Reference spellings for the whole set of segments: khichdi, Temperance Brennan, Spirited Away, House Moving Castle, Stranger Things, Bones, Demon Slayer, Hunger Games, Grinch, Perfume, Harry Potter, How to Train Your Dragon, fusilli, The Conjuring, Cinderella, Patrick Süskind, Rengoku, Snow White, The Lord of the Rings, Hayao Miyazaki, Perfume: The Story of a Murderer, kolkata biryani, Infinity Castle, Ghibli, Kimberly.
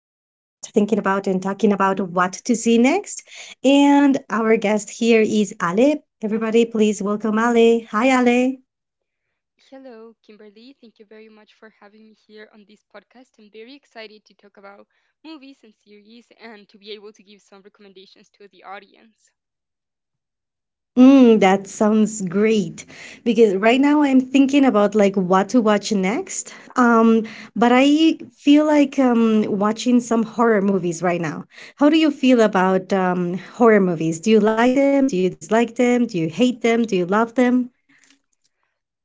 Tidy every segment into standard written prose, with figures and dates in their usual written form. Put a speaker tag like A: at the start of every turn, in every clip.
A: thinking about and talking about what to see next. And our guest here is Ale. Everybody, please welcome Ale. Hi, Ale.
B: Hello, Kimberly. Thank you very much for having me here on this podcast. I'm very excited to talk about movies and series and to be able to give some recommendations to the audience.
A: Mm, that sounds great because right now I'm thinking about like what to watch next. But I feel like watching some horror movies right now. How do you feel about horror movies? Do you like them? Do you dislike them? Do you hate them? Do you love them?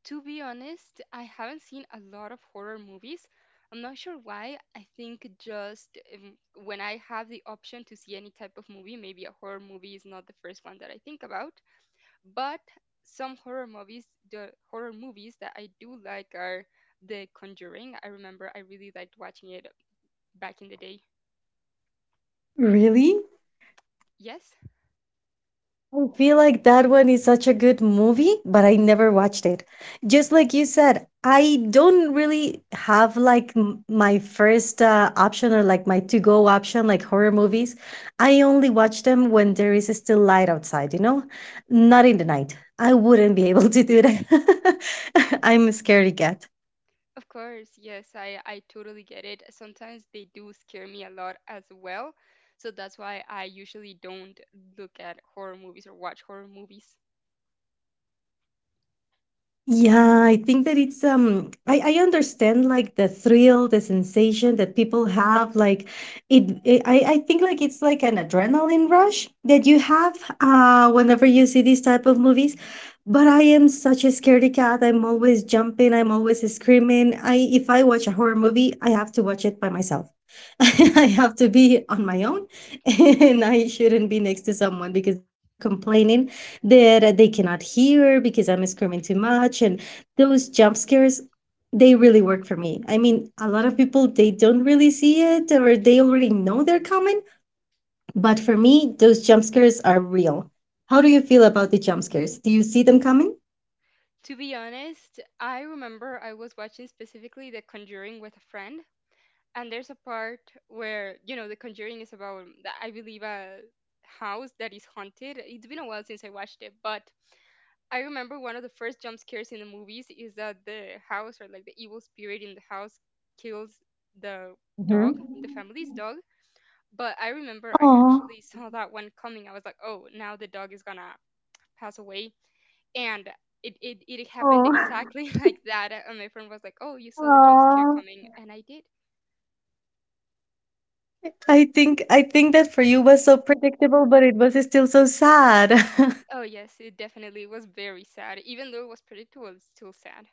B: To be honest, I haven't seen a lot of horror movies. I'm not sure why. I think just when I have the option to see any type of movie, maybe a horror movie is not the first one that I think about. But some horror movies, the horror movies that I do like are The Conjuring. I remember I really liked watching it back in the day.
A: Really?
B: Yes,
A: I feel like that one is such a good movie, but I never watched it. Just like you said, I don't really have like my first option or like my to go option, like horror movies. I only watch them when there is still light outside, you know? Not in the night. I wouldn't be able to do that. I'm a scaredy cat.
B: of course. Yes, I totally get it. Sometimes they do scare me a lot as well. So that's why I usually don't look at horror movies or watch horror movies.
A: Yeah, I think that it's I understand like the thrill, the sensation that people have like it I think like it's like an adrenaline rush that you have whenever you see these type of movies. But I am such a scaredy cat. I'm always jumping, I'm always screaming. I If I watch a horror movie, I have to watch it by myself. I have to be on my own and I shouldn't be next to someone because then they're complaining that they cannot hear because I'm screaming too much. And those jump scares, they really work for me. I mean, a lot of people, they don't really see it or they already know they're coming. But for me, those jump scares are real. How do you feel about the jump scares? Do you see them coming?
B: To be honest, I remember I was watching specifically The Conjuring with a friend. And there's a part where, The Conjuring is about, I believe, a house that is haunted. It's been a while since I watched it, but I remember one of the first jump scares in the movies is that the house or like the evil spirit in the house kills the
A: Mhm.
B: dog, the family's dog. But I remember I
A: Aw.
B: actually saw that one coming. I was like, oh, now the dog is gonna pass away. And it happened
A: Oh.
B: exactly like that. And my friend was like, oh, you saw the jump scare
A: Oh.
B: coming. And I did.
A: I think that for you was so predictable, but it was still so sad.
B: Oh, yes, it definitely was very sad. Even though it was predictable, it's still sad.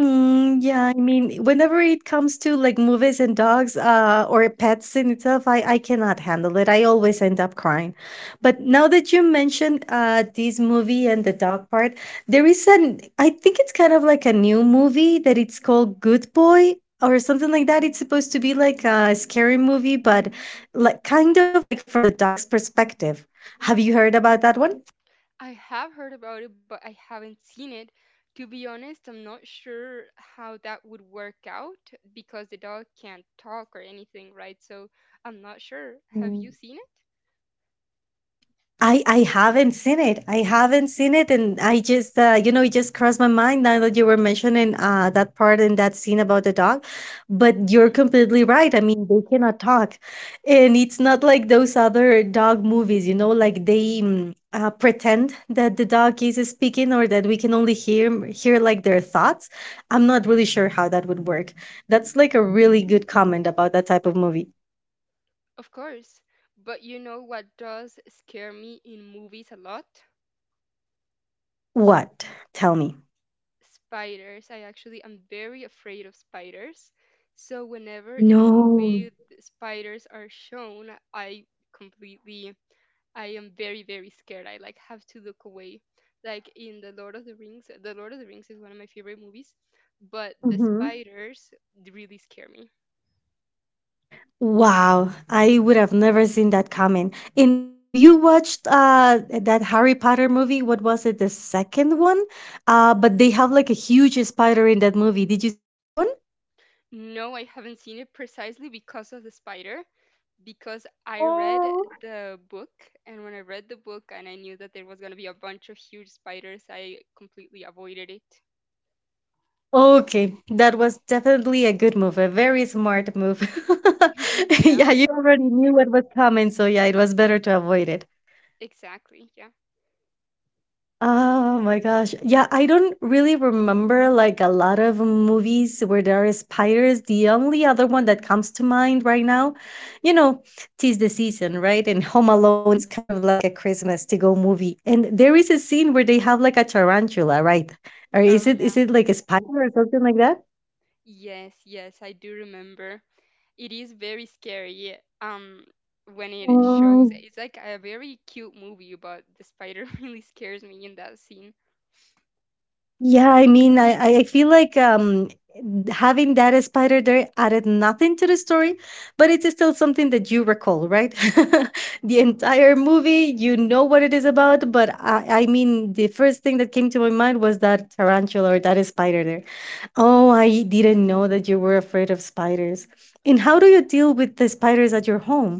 A: Mm, yeah, I mean, whenever it comes to like movies and dogs, or pets in itself, I, cannot handle it. I always end up crying. But now that you mentioned this movie and the dog part, there is an I think it's kind of like a new movie that it's called Good Boy or something like that. It's supposed to be like a scary movie, but like kind of like from the dog's perspective. Have you heard about that
B: I have heard about it, but I haven't seen it. To be honest, I'm not sure how that would work out because the dog can't talk or anything, right? So I'm not sure. Have
A: one?
B: you seen it?
A: I haven't seen it. I haven't seen it, and I just you know it just crossed my mind now that you were mentioning that part and that scene about the dog. But you're
B: Hmm.
A: completely right. I mean, they cannot talk, and it's not like those other dog movies. You know, like they pretend that the dog is speaking or that we can only hear like their thoughts. I'm not really sure how that would work. That's like a really good comment about that type of movie.
B: Of course. But you know what does scare me in movies a lot?
A: What? Tell me.
B: Spiders. I actually am very afraid of spiders. So whenever in a
A: No.
B: movie the spiders are shown, completely I am very, very scared. I like have to look away. Like in The Lord of the Rings, The Lord of the Rings is one of my favorite movies, but the
A: Mhm.
B: spiders really scare me.
A: Wow, I would have never seen that coming. In Have you watched that Harry Potter movie? What was it, the second one? But they have like a huge spider in that movie. Did you see that one?
B: No, I haven't seen it precisely because of the spider, because I read
A: Oh,
B: the book, and when I read the book and I knew that there was going to be a bunch of huge spiders, I completely avoided it.
A: okay, that was definitely a good move, a very smart move.
B: Yeah,
A: Yeah, you already knew what was coming, so yeah, it was better to avoid it.
B: exactly. Yeah.
A: Oh my gosh. Yeah, I don't really remember like a lot of movies where there are spiders. The only other one that comes to mind right now, you know, tis the season, right? And Home Alone, it's kind of like a Christmas to go movie. And there is a scene where they have like a tarantula, right? Or
B: Oh, yeah.
A: is it like a spider or something like
B: Yes, yes, I do remember. It is very scary. When it shows,
A: that?
B: it's like a very cute movie, but the spider really scares me in that scene.
A: Yeah, I mean, I feel like having that as spider there added nothing to the story, but it's still something that you recall, right? The entire movie, you know what it is about, but I mean, the first thing that came to my mind was that tarantula or that spider there. Oh, I didn't know that you were afraid of spiders. And how do you deal with the spiders at your home?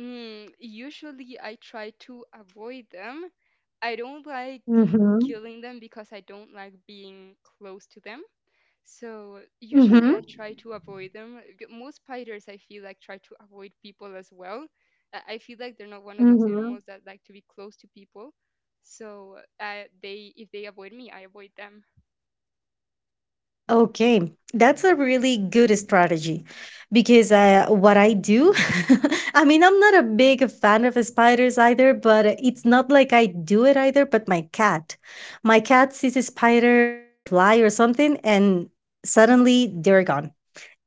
B: Mm, usually, I try to avoid them. I don't like
A: Mm-hmm.
B: killing them because I don't like being close to them. So usually I try to avoid them. Most spiders I feel like try to avoid people as well. I feel like they're not one of those
A: Mm-hmm.
B: animals that like to be close to people. So they if they avoid me, I avoid them.
A: Okay, that's a really good strategy because what I do, I mean, I'm not a big fan of spiders either, but it's not like I do it either. But my cat sees a spider or a fly or something, and suddenly they're gone.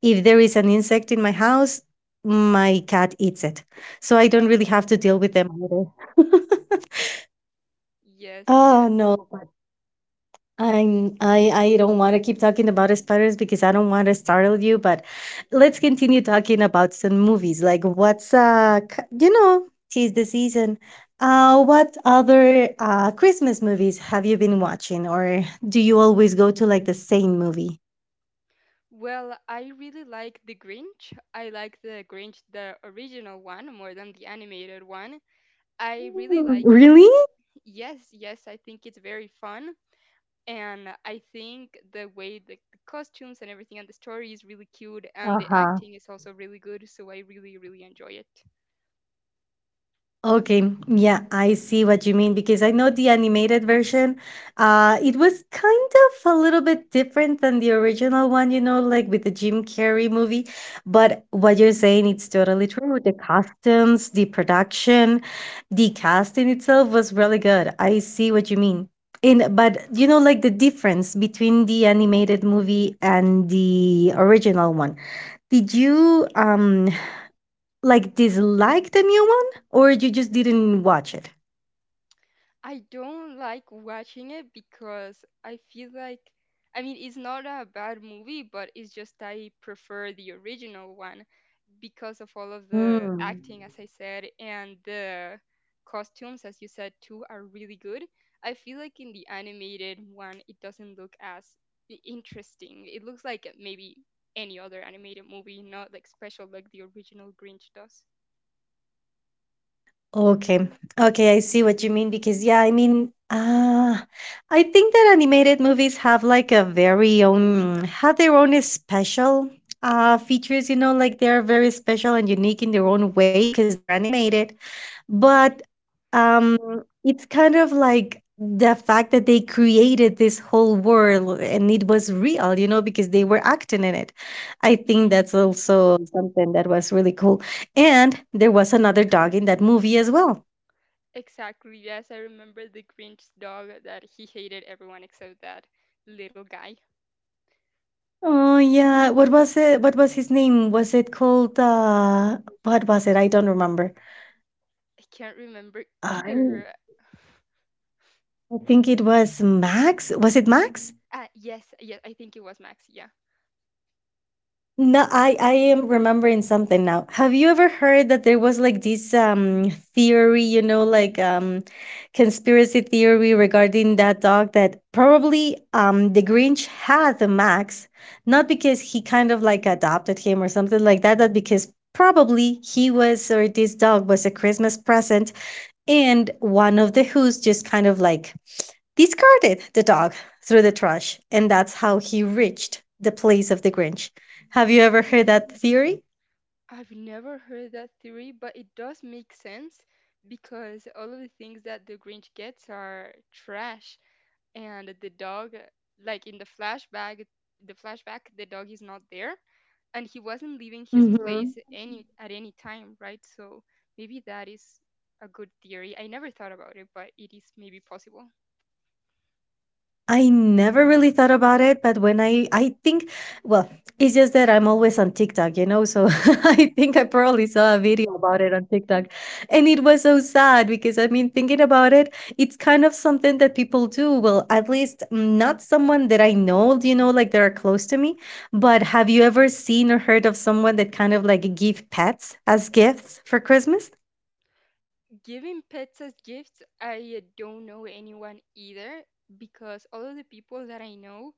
A: If there is an insect in my house, my cat eats it. So I
B: Uh,
A: don't really have to deal with them either.
B: yes,
A: Oh,
B: yes.
A: no. I don't want to keep talking about spiders because I don't want to startle you, but let's continue talking about some movies. Like what's you know, tis the season. What other Christmas movies have you been watching or do you always go to like the same movie?
B: Well, I really like the Grinch. I like the Grinch, the original one, more than the animated one. I really
A: Mm,
B: like it.
A: really?
B: Yes, yes, I think it's very fun. And I think the way the costumes and everything and the story is really cute, and the
A: Uh-huh.
B: acting is also really good. So I really, really enjoy it.
A: Okay, yeah, I see what you mean because I know the animated version. It was kind of a little bit different than the original one, you know, like with the Jim Carrey movie. But what you're saying, it's totally true. The costumes, the production, the cast in itself was really good. I see what you mean. In But you know, like the difference between the animated movie and the original one. Did you like dislike the new one, or you just didn't watch it?
B: I don't like watching it because I feel like, I mean, it's not a bad movie, but it's just I prefer the original one. Because of all of the
A: Hmm.
B: acting, as I said, and the costumes, as you said too, are really good. I feel like in the animated one, it doesn't look as interesting. It looks like maybe any other animated movie, not like special like the original Grinch does.
A: Okay. Okay, I see what you mean because yeah, I mean, I think that animated movies have like a very own have their own special features, you know, like they're very special and unique in their own way because they're animated.
B: Hmm.
A: But um it's kind of like the fact that they created this whole world and it was real, you know, because they were acting in it. I
B: Hmm.
A: think that's also something that was really cool. And there was another dog in that movie as well.
B: Exactly. Yes, I remember the Grinch's dog that he hated everyone except that little guy.
A: Oh yeah, what was it? What was his name? Was it called what was it? I don't remember.
B: I can't remember
A: I
B: either.
A: I think it was Max. Was it Max?
B: Yes, yes, I think it was Max. Yeah.
A: No, I am remembering something now. Have you ever heard that there was like this theory, you know, like conspiracy theory regarding that dog that probably the Grinch had the Max, not because he kind of like adopted him or something like that, but because probably he was or this dog was a Christmas present and one of the Who's just kind of like discarded the dog through the trash, and that's how he reached the place of the Grinch. Have you ever heard that theory?
B: I've never heard that theory, but it does make sense because all of the things that the Grinch gets are trash. And the dog, like in the flashback, the flashback, the dog is not there, and he wasn't leaving his
A: Hmm.
B: place any at any time, right? So maybe that is a good theory. I never thought about it, but it is maybe possible.
A: I Never really thought about it, but when I think well, it's just that I'm always on TikTok, you know, so I think I
B: Hmm.
A: probably saw a video about it on TikTok. And it was so sad because I mean, thinking about it, it's kind of something that people do. Well, at least mm, not someone that I know, you know, like that are close to me, but have you ever seen or heard of someone that kind of like give pets as gifts for Christmas?
B: Giving pets as gifts, I don't know anyone either because all of the people that I know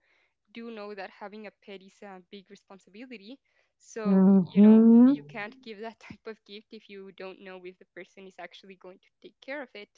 B: do know that having a pet is a big responsibility. So, you know,
A: Hmm.
B: you can't give that type of gift if you don't know if the person is actually going to take care of it.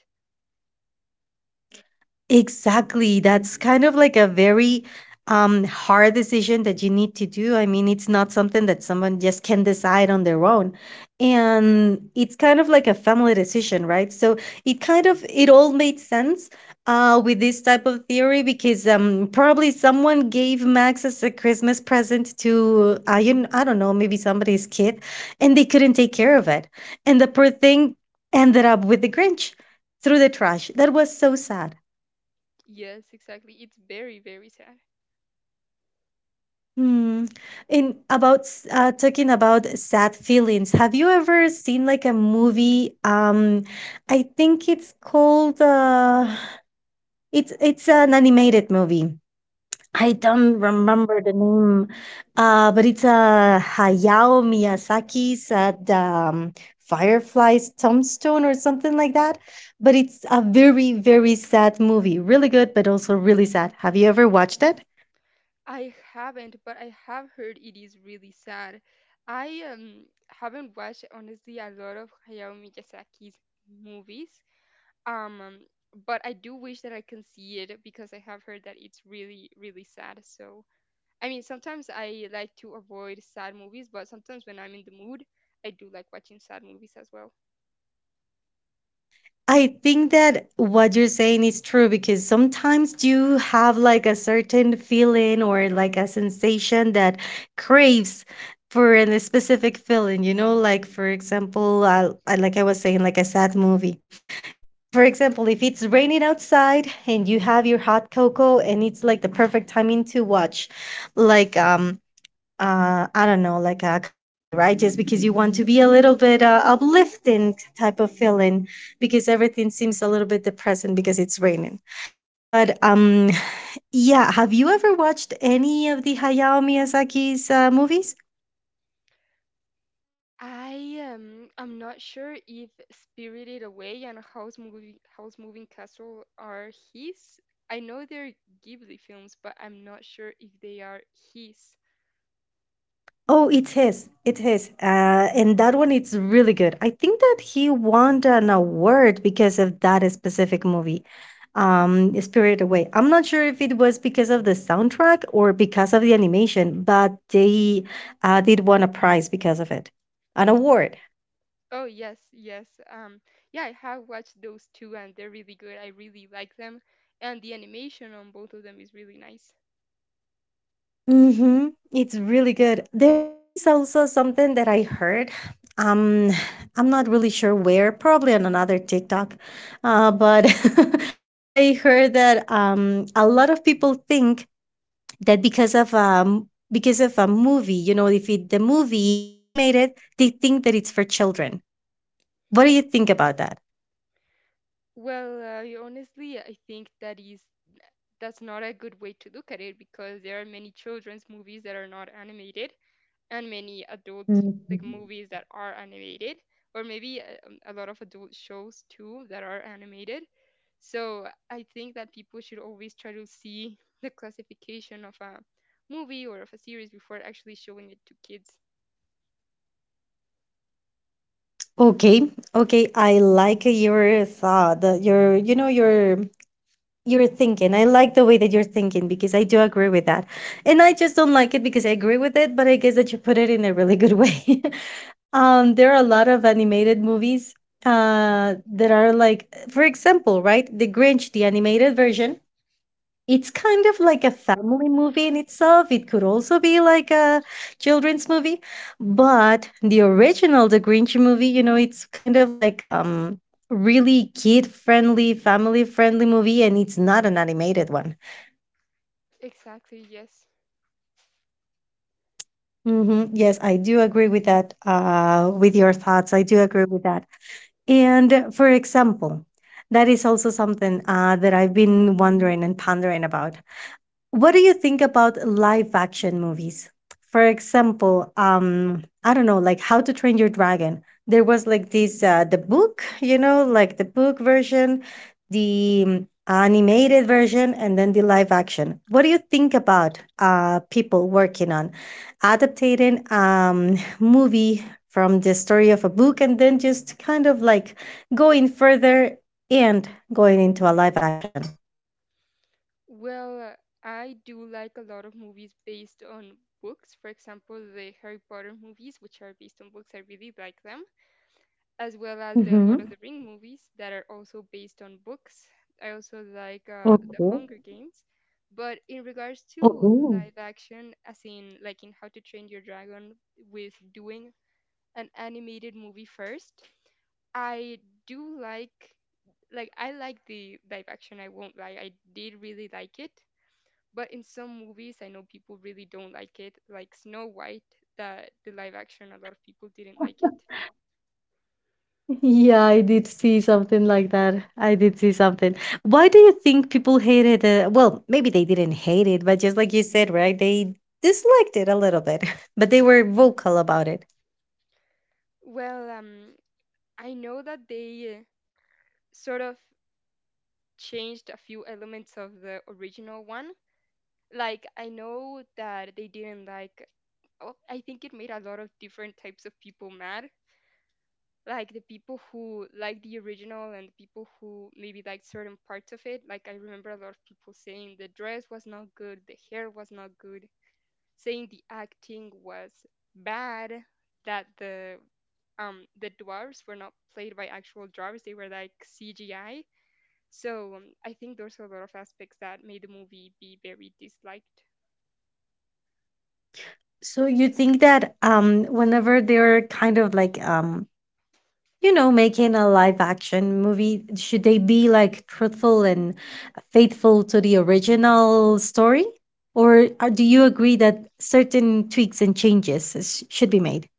A: Exactly. That's kind of like a very hard decision that you need to do. I mean, it's not something that someone just can decide on their own. And it's kind of like a family decision, right? So it kind of it all made sense with this type of theory because probably someone gave Max as a Christmas present to I don't know maybe somebody's kid, and they couldn't take care of it, and the poor thing ended up with the Grinch through the trash. That was so sad.
B: Yes, exactly. It's very, very sad.
A: Hmm. In About talking about sad feelings, have you ever seen like a movie? I think it's called. It's an animated movie. I
B: Hmm.
A: don't remember the name, but it's Hayao Miyazaki's at Firefly's Tombstone or something like that. But it's a very, very sad movie. Really good, but also really sad. Have you ever watched it?
B: I haven't, but I have heard it is really sad. I haven't watched honestly a lot of Hayao Miyazaki's movies. Um, but I do wish that I can see it because I have heard that it's really, really sad. So I mean, sometimes I like to avoid sad movies, but sometimes when I'm in the mood, I do like watching sad movies as well.
A: I think that what you're saying is true because sometimes you have like a certain feeling or like a sensation that craves for a specific feeling, you know, like for example, like I was saying, like a sad movie. For example, if it's raining outside and you have your hot cocoa and it's like the perfect timing to watch, like I don't know, like a comedy, right? Just because you want to be a little bit uplifting type of feeling, because everything seems a little bit depressing because it's raining. But yeah, have you ever watched any of the Hayao Miyazaki's movies?
B: I'm not sure if Spirited Away and House Movie House Moving Castle are his. I know they're Ghibli films, but I'm not sure if they are his.
A: Oh, it's his. It's his. And that one, it's really good. I think that he won an award because of that specific movie, Spirited Away. I'm not sure if it was because of the soundtrack or because of the animation, but they did won a prize because of it, an award.
B: Oh yes, yes. Um yeah, I have watched those two and they're really good. I really like them and the animation on both of them is really nice.
A: Mhm. It's really good. There that is also something that I heard. Um I'm not really sure where, probably on another TikTok. But I heard that a lot of people think that because of a movie, if it, the movie it's animated, they think that it's for children. What do you think about that?
B: Well, honestly, I think that is that's not a good way to look at it because there are many children's movies that are not animated and many adult like
A: Mhm.
B: movies that are animated or maybe a lot of adult shows too that are animated. So I think that people should always try to see the classification of a movie or of a series before actually showing it to kids.
A: Okay, okay, I like your thought, your you know your You're thinking. I like the way that you're thinking because I do agree with that. And I just don't like it because I agree with it, but I guess that you put it in a really good way. There are a lot of animated movies that are like, for example, right? The Grinch, the animated version it's kind of like a family movie in itself. It could also be like a children's movie, but the original, the Grinch movie, it's kind of like really kid friendly, family friendly movie, and it's not an animated one.
B: Exactly. Yes.
A: Hmm, yes, I do agree with that. With your thoughts, I do agree with that. And for example, that is also something that I've been wondering and pondering about. What do you think about live action movies? For example, I don't know, like How to Train Your Dragon. There was like this the book, like the book version, the animated version, and then the live action. What do you think about people working on adapting movie from the story of a book and then just kind of like going further and going into a live action?
B: Well, I do like a lot of movies based on books. For example, the Harry Potter movies, which are based on books, I really like them, as well as the Lord
A: Hmm,
B: of the Ring movies that are also based on books. I also like the
A: okay.
B: Hunger Games. But in regards to
A: Oh.
B: live action, as in like in How to Train Your Dragon, with doing an animated movie first, I do like I like the live action, I won't lie. I did really like it. But in some movies, I know people really don't like it, like Snow White, that the live action, a lot of people didn't like it.
A: Yeah, I did see something like that. I did see something. Why do you think people hated it? Well, maybe they didn't hate it, but just like you said, right? They disliked it a little bit, but they were vocal about it.
B: Well, I know that they sort of changed a few elements of the original one. Like, I know that they didn't like, oh, I think it made a lot of different types of people mad. Like, the people who liked the original and the people who maybe liked certain parts of it. Like, I remember a lot of people saying the dress was not good, the hair was not good, saying the acting was bad, that the dwarves were not played by actual dwarves; they were like CGI. So I think there's a lot of aspects that made the movie be very disliked.
A: So you think that whenever they're kind of like making a live action movie, should they be like truthful and faithful to the original story? Or do you agree that certain tweaks and changes should be made?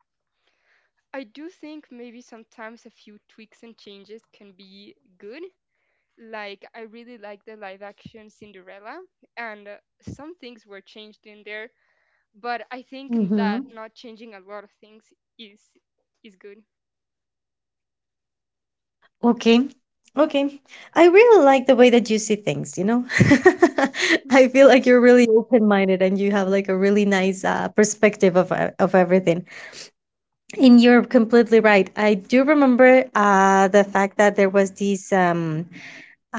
B: I do think maybe sometimes a few tweaks and changes can be good. Like I really like the live action Cinderella, and some things were changed in there. But I think that
A: Mm-hmm.
B: not changing a lot of things is is good.
A: Okay. Okay. I really like the way that you see things, you know?
B: Mm-hmm.
A: I feel like you're really open-minded and you have like a really nice perspective of everything. And you're completely right. I do remember the fact that there was this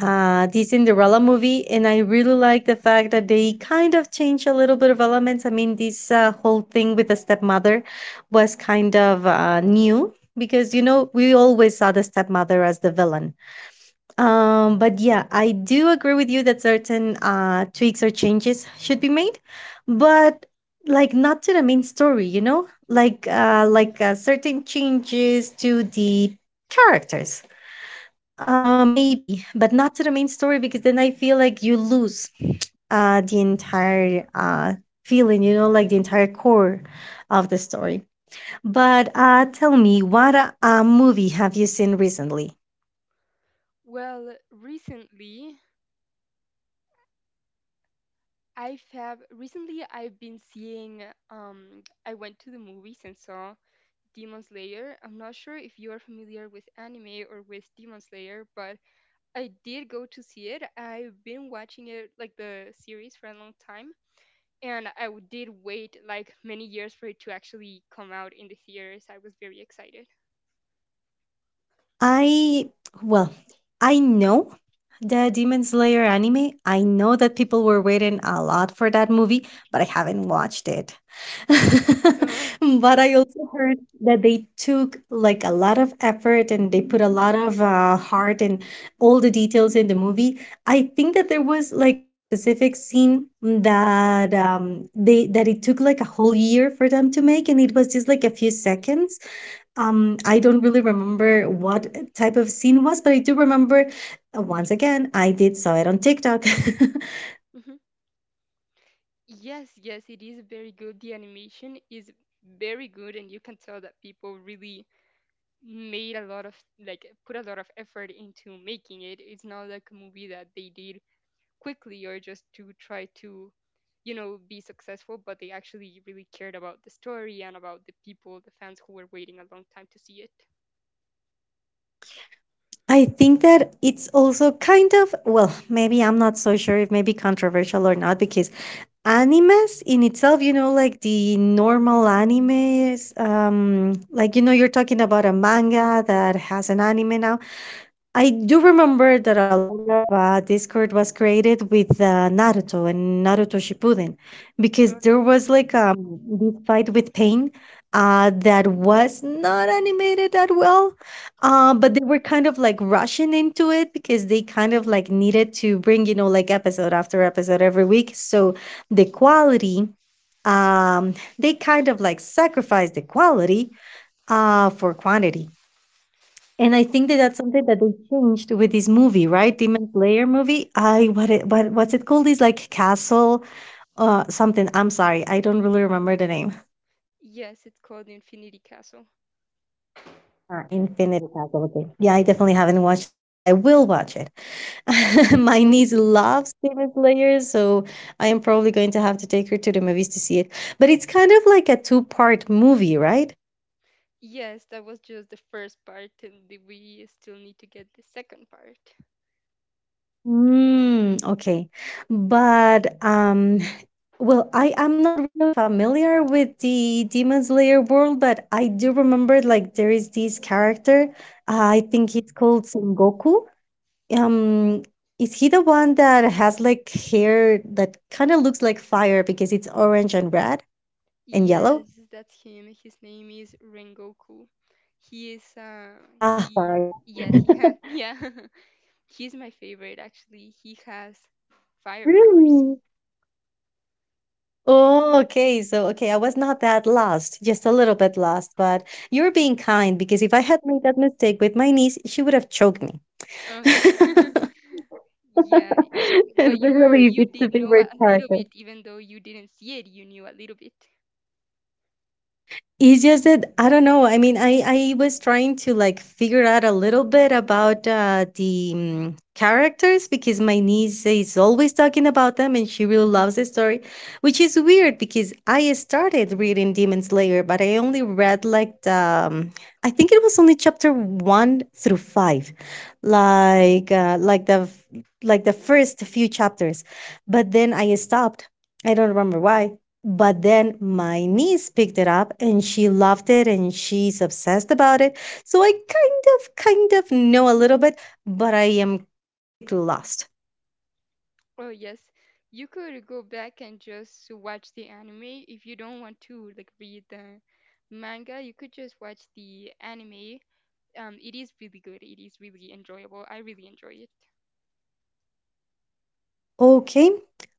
A: The Cinderella movie, and I really like the fact that they kind of changed a little bit of elements. I mean, this whole thing with the stepmother was kind of new because we always saw the stepmother as the villain. But yeah, I do agree with you that certain tweaks or changes should be made, but like not to the main story, certain changes to the characters maybe, but not to the main story because then I feel like you lose the entire feeling, like the entire core of the story. But tell me, what movie have you seen recently?
B: Well, recently I've been seeing I went to the movies and saw Demon Slayer. I'm not sure if you are familiar with anime or with Demon Slayer, but I did go to see it. I've been watching it like the series for a long time, and I did wait like many years for it to actually come out in the theaters. I was very excited.
A: I well, I know the Demon Slayer anime. I know that people were waiting a lot for that movie, but I haven't watched it.
B: Uh,
A: But I also heard that they took like a lot of effort and they put a lot of heart and all the details in the movie. I think that there was like an specific scene that they that it took like a whole year for them to make, and it was just like a few seconds. I don't really remember what type of scene was, but I do remember once again, I did saw it on TikTok.
B: mhm. Yes, yes, it is very good. The animation is very good, and you can tell that people really made a lot of like put a lot of effort into making it. It's not like a movie that they did quickly or just to try to you know be successful, but they actually really cared about the story and about the people, the fans who were waiting a long time to see it.
A: I think that it's also kind of, well, maybe I'm not so sure if maybe controversial or not, because animes in itself, like the normal animes, you're talking about a manga that has an anime now. I do
B: Mhm.
A: remember that a lot of Discord was created with Naruto and Naruto Shippuden because
B: Oh yeah.
A: there was like this fight with Pain that was not animated that well, but they were kind of like rushing into it because they kind of like needed to bring, like episode after episode every week. So the quality, um, they kind of like sacrificed the quality for quantity. And I
B: Ex-
A: think that that's something that they changed with this movie, right? Demon Slayer movie. I what it what what's it called? It's like Castle, something. I'm sorry, I don't really remember the name.
B: yes, it's called Infinity Castle.
A: Infinity Castle. Okay. Yeah, I definitely haven't watched it, but I will watch it. My
B: Mhm.
A: niece loves Demon Slayer, so I am probably going to have to take her to the movies to see it. But it's kind of like a two-part movie, right?
B: Yes, that was just the first part, and we still need to get the second part.
A: Mm, okay. But well, I am not really familiar with the Demon Slayer world, but I do remember like there is this character. I think it's called Sengoku. Um, is he the one that has like hair that kind of looks like fire because it's orange and red and yellow?
B: Yes, that's him. His name is Rengoku. He is
A: Ah,
B: he
A: sorry.
B: yes, he has yeah. He's my favorite actually. He has fire powers.
A: Really? Oh, okay. So, okay, I was not that lost, just a little bit lost, but you're being
B: Mhm.
A: kind, because if I had made that mistake with my niece, she would have choked me.
B: Oh yeah. Yeah, but you were
A: Especially if
B: you
A: it's the
B: did know a
A: favorite
B: little
A: character.
B: bit even though you didn't see it, you knew a little bit.
A: It's just that I don't know. I mean, I was trying to like figure out a little bit about the characters because my niece is always talking about them and she really loves the story, which is weird because I started reading Demon Slayer, but I only read like the I think it was only chapter one through five, like uh, like the f- like the first few chapters, but then I stopped. I don't remember why, but then my niece picked it up and she loved it and she's obsessed about it. So I kind of know a little bit, but I am practically lost.
B: Oh yes. You could go back and just watch the anime if you don't want to like read the manga. You could just watch the anime, it is really good. It is really enjoyable. I really enjoy it.
A: Okay.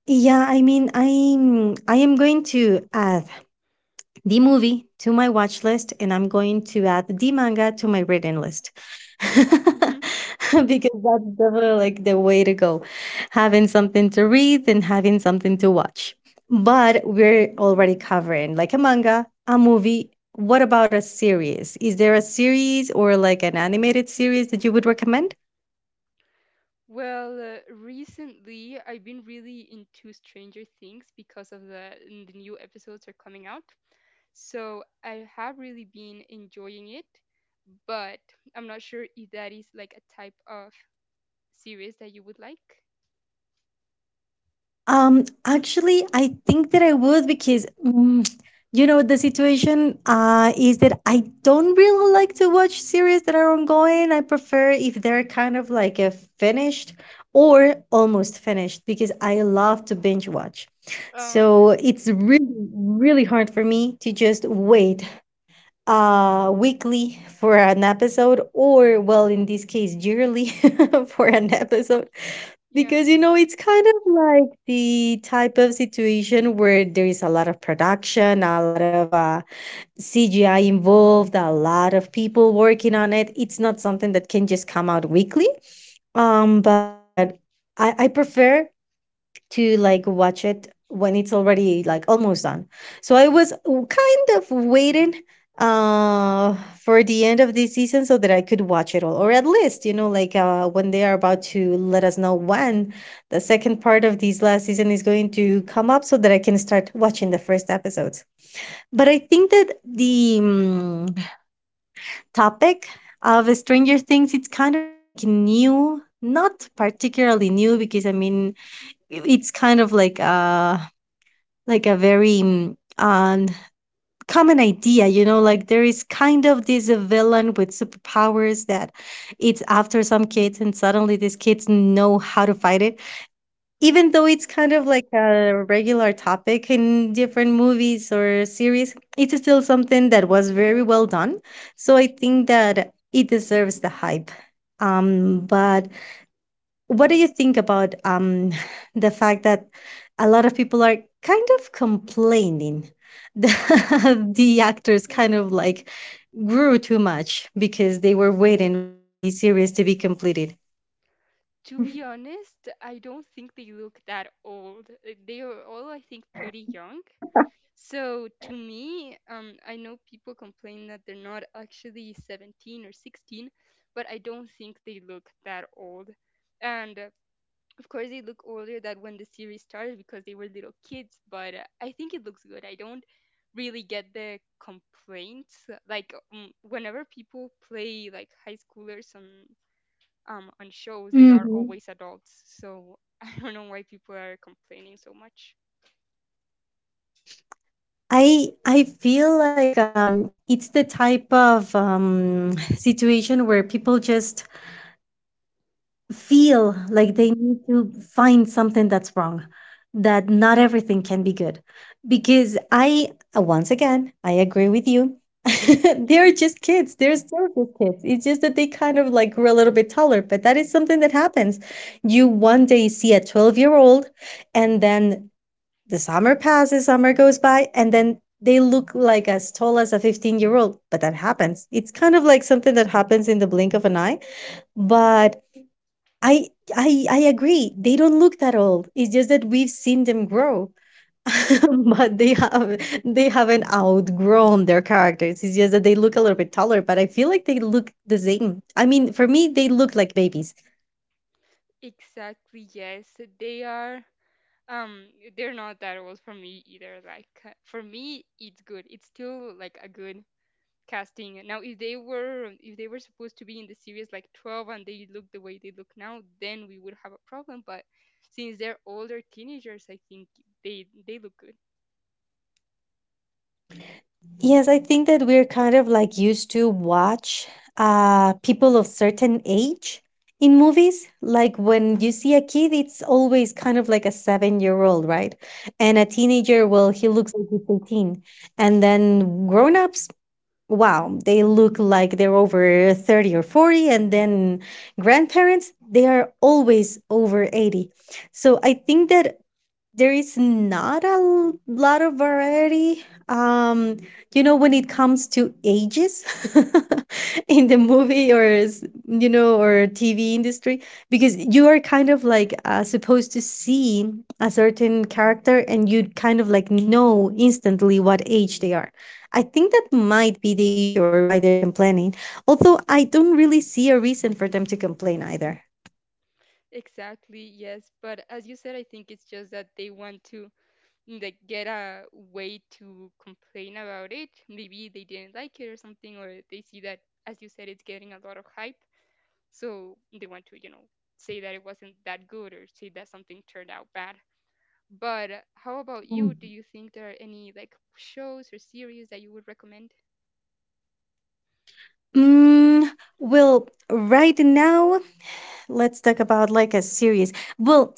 A: Yeah, I mean, I am going to add the movie to my watch list and I'm going to add the manga to my reading list.
B: Mhm.
A: Because that's definitely like the way to go. Having something to read and having something to watch. But we're already covering like a manga, a movie. What about a series? Is there a series or like an animated series that you would recommend?
B: Well, recently I've been really into Stranger Things because of the new episodes are coming out. So I have really been enjoying it, but I'm not sure if that is like a type of series that you would like.
A: Actually, I think that I would because, the situation is that I don't really like to watch series that are ongoing. I prefer if they're kind of like a finished or almost finished because I love to binge watch.
B: Oh yeah,
A: So it's really, really hard for me to just wait weekly for an episode or, well, in this case, yearly for an episode
B: yeah.
A: because, it's kind of like the type of situation where there is a lot of production, a lot of CGI involved, a lot of people working on it. It's not something that can just come out weekly. But I prefer to like watch it when it's already like almost done. So I was kind of waiting for the end of this season so that I could watch it all, or at least when they are about to let us know when the second part of this last season is going to come up so that I can start watching the first episodes. But I think that the topic of Stranger Things, it's kind of like new, not particularly new, because I mean, it's kind of like a very common idea. There is kind of this villain with superpowers that it's after some kids, and suddenly these kids know how to fight it.
B: hmm
A: Even though it's kind of like a regular topic in different movies or series, it's still something that was very well done. So I think that it deserves the hype. But what do you think about the fact that a lot of people are kind of complaining that the actors kind of like grew too much because they were waiting for the series to be completed?
B: To be honest, I don't think they look that old. They are all, I think, pretty young. So to me, I know people complain that they're not actually 17 or 16, but I don't think they look that old. And of course, they look older than when the series started because they were little kids, but I think it looks good. I don't really get the complaints. Like whenever people play like high schoolers on shows, they are
A: Hmm.
B: always adults. So I don't know why people are complaining so much.
A: I feel like it's the type of situation where people just feel like they need to find something that's wrong, that not everything can be good. Because once again, I agree with you. They're just kids. They're still just kids. It's just that they kind of like grew a little bit taller, but that is something that happens. You one day see a 12-year-old, and then the summer passes, summer goes by, and then they look like as tall as a 15-year-old, but that happens. It's kind of like something that happens in the blink of an eye. But I I agree. They don't look that old. It's just that we've seen them grow. But they haven't outgrown their characters. It's just that they look a little bit taller, but I feel like they look the same. I mean, for me, they look like babies.
B: Exactly, yes. They are um they're not that old for me either. Like for me it's good. It's still like a good casting. Now if they were supposed to be in the series like 12 and they look the way they look now, then we would have a problem, but since they're older teenagers, I think they look good.
A: Yes, I think that we're kind of like used to watch people of certain age in movies. Like when you see a kid, it's always kind of like a 7 year old, right? And a
B: Mhm.
A: teenager, well, he looks like he's 18. And then grown ups, wow, they look like they're over 30 or 40. And then grandparents, they are always over 80. So I think that there is not a lot of variety um when it comes to ages in the movie or TV industry because you are kind of like supposed to see a certain character and you kind of like know instantly what age they are. I think that might be the issue or why they're complaining, although I don't really see a reason for them to complain either.
B: Exactly, yes. But as you said, I think it's just that they want to like get a way to complain about it. Maybe they didn't like it or something, or they see that, as you said, it's getting a lot of hype. So they want to, you know, say that it wasn't that good or say that something turned out bad. But how about you?
A: Mm.
B: Do you think there are any like shows or series that you would recommend?
A: Mm, well, right now, let's talk about like a series. Well,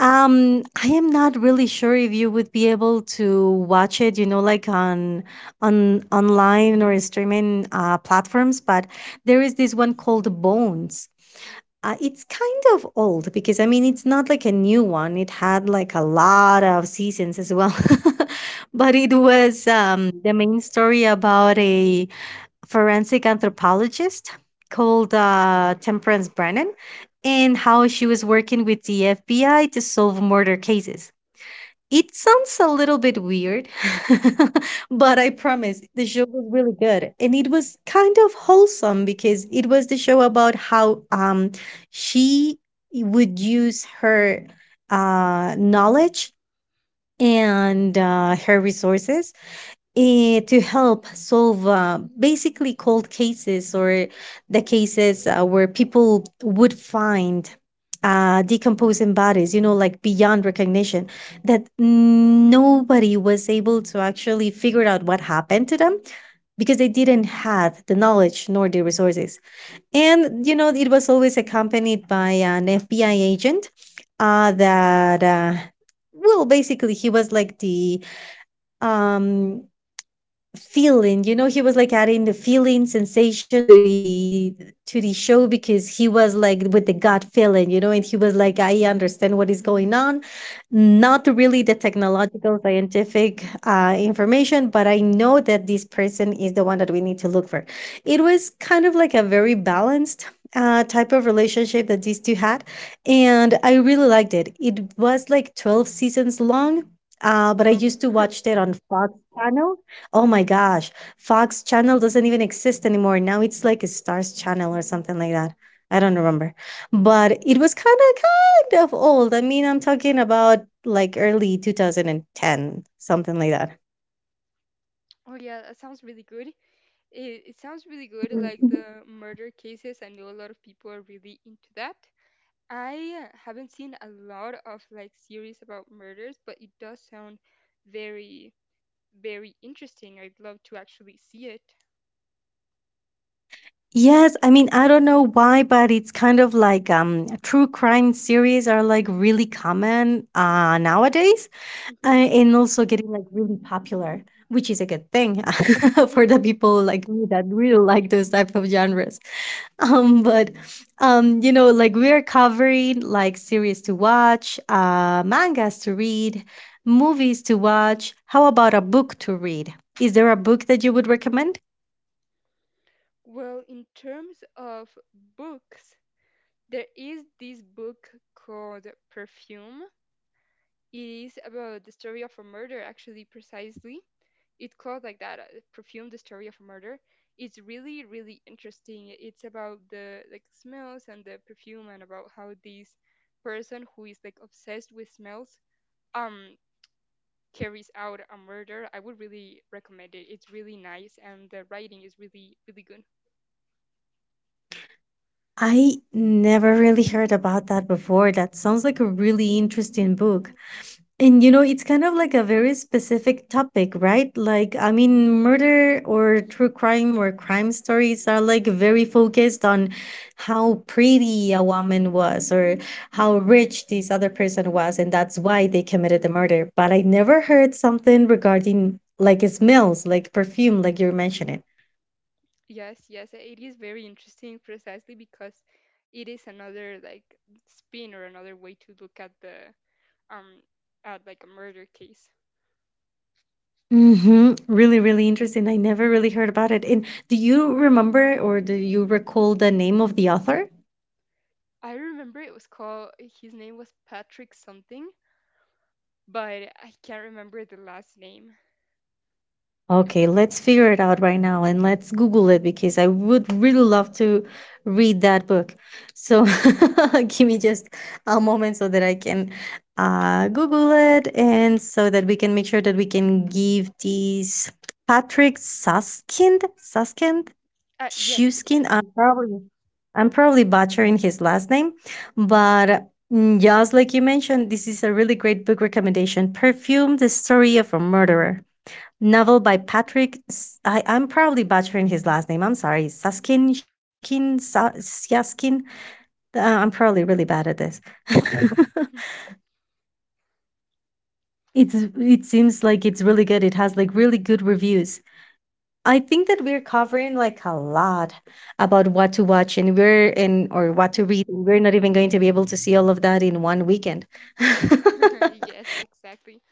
A: I am not really sure if you would be able to watch it, like on online or streaming platforms. But there is this one called Bones. It's kind of old because I mean it's not like a new one. It had like a lot of seasons as well, but it was the main story about a forensic anthropologist called Temperance Brennan and how she was working with the FBI to solve murder cases. It sounds a little bit weird, but
B: Mhm.
A: I promise the show was really good. And it was kind of wholesome because it was the show about how she would use her knowledge and her resources to help solve basically cold cases or the cases where people would find decomposing bodies, like beyond recognition, that nobody was able to actually figure out what happened to them because they didn't have the knowledge nor the resources. And it was always accompanied by an FBI agent that, well, basically, he was like the um, feeling, he was, like, adding the feeling sensation to the show because he was, like, with the gut feeling, and he was like, "I understand what is going on." Not really the technological, scientific, information, but I know that this person is the one that we need to look for. It was kind of like a very balanced, type of relationship that these two had, and I really liked it. It was, like, 12 seasons long, but I
B: Um,
A: used to watch it on Fox Channel. Oh my gosh, Fox Channel doesn't even exist anymore. Now it's like a Stars Channel or something like that. I don't remember. But it was kind of old. I mean, I'm talking about like early 2010, something like that.
B: oh yeah, that sounds really good. It sounds really good, like
A: Mhm.
B: the murder cases. I know a lot of people are really into that. I haven't seen a lot of like series about murders, but it does sound very, very interesting. I'd love to actually see it.
A: Yes, I mean, I don't know why, but it's kind of like true crime series are like really common nowadays,
B: Mhm.
A: and also getting like really popular, which is a good thing for the people like me that really like those type of genres. But like we're covering like series to watch, mangas to read, movies to watch. How about a book to read? Is there a book that you would recommend?
B: Well, in terms of books, there is this book called Perfume. It is about the story of a murder, actually, precisely. It called like that, Perfume, the story of a murder. It's really, really interesting. It's about the like smells and the perfume and about how this person who is like obsessed with smells, um carries out a murder. I would really recommend it. It's really nice and the writing is really, really good.
A: I never really heard about that before. That sounds like a really interesting book. And it's kind of like a very specific topic, right? Like, I mean, murder or true crime or crime stories are like very focused on how pretty a woman was or how rich this other person was, and that's why they committed the murder. But I never heard something regarding like smells, like perfume, like you're mentioning.
B: Yes, yes, it is very interesting, precisely because it is another like spin or another way to look at the, um at like a murder case.
A: Mm-hmm. Really, really interesting. I never really heard about it. And do you remember or do you recall the name of the author?
B: I remember it was called, his name was Patrick something, but I can't remember the last name.
A: Okay, let's figure it out right now and let's Google it because I would really love to read that book. So give me just a moment so that I can Google it and so that we can make sure that we can give these Patrick Suskind, Suskind,
B: Yes,
A: Shuskind. I'm probably butchering his last name, but just like you mentioned, this is a really great book recommendation. Perfume: The Story of a Murderer novel by Patrick. I am probably butchering his last name. I'm sorry. Saskin, Shishkin, Syaskin. I'm probably really bad at this.
B: yeah.
A: It seems like it's really good. It has like really good reviews. I think that we're covering like a lot about what to watch and we're in or what to read. We're not even going to be able to see all of that in one weekend.
B: Yes, exactly.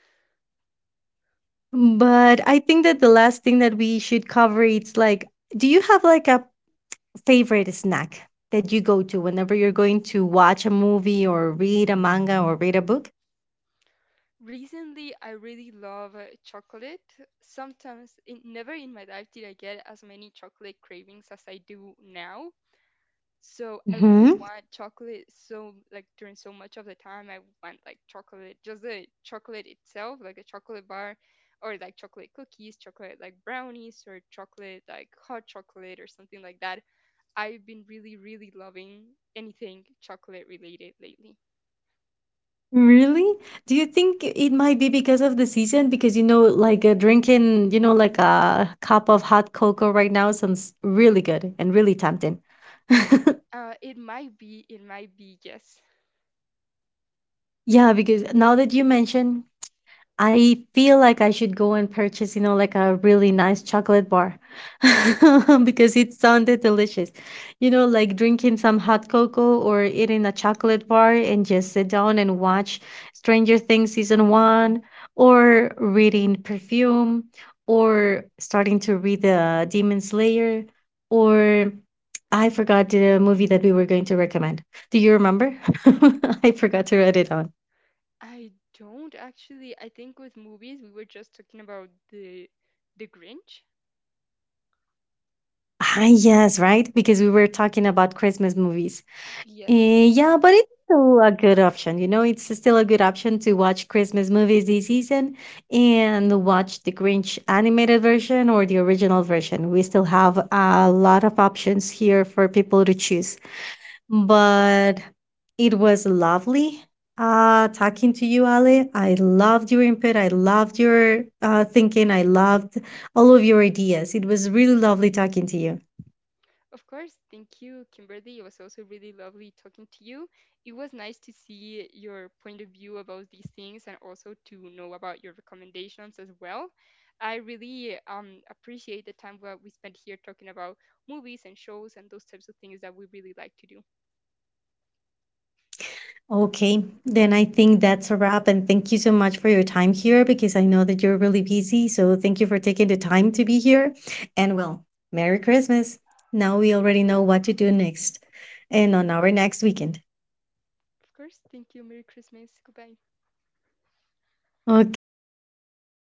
A: But I think that the last thing that we should cover it's like, do you have like a favorite snack that you go to whenever you're going to watch a movie or read a manga or read a book?
B: Recently, I really love, chocolate. Sometimes, in, never in my life did I get as many chocolate cravings as I do now. So I really
A: Hmm.
B: want chocolate, so like during so much of the time I want like chocolate, just the chocolate itself, like a chocolate bar or like chocolate cookies, chocolate like brownies or chocolate like hot chocolate or something like that. I've been really, really loving anything chocolate related lately.
A: Really? Do you think it might be because of the season? Because like drinking, like a cup of hot cocoa right now sounds really good and really tempting.
B: It might be, it might be, yes.
A: Yeah, because now that you mention I feel like I should go and purchase, like a really nice chocolate bar because it sounded delicious. Like drinking some hot cocoa or eating a chocolate bar and just sit down and watch Stranger Things season one or reading Perfume or starting to read The Demon Slayer or I forgot the movie that we were going to recommend. Do you remember? I forgot to write it down.
B: I don't actually, I think with movies we were just talking about the Grinch.
A: Ah, yes, right? Because we were talking about Christmas movies.
B: Yes.
A: Yeah, but it's still a good option. It's still a good option to watch Christmas movies this season and watch the Grinch animated version or the original version. We still have a lot of options here for people to choose. But it was lovely talking to you, Ale. I loved your input. I loved your thinking. I loved all of your ideas. It was really lovely talking to you.
B: Of course, thank you, Kimberly. It was also really lovely talking to you. It was nice to see your point of view about these things and also to know about your recommendations as well. I really, appreciate the time that we spent here talking about movies and shows and those types of things that we really like to do.
A: Okay, then I think that's a wrap. And thank you so much for your time here because I know that you're really busy. So thank you for taking the time to be here. And well, Merry Christmas. Now we already know what to do next and on our next weekend.
B: Of course, thank you. Merry Christmas. Goodbye.
A: Okay, then bye.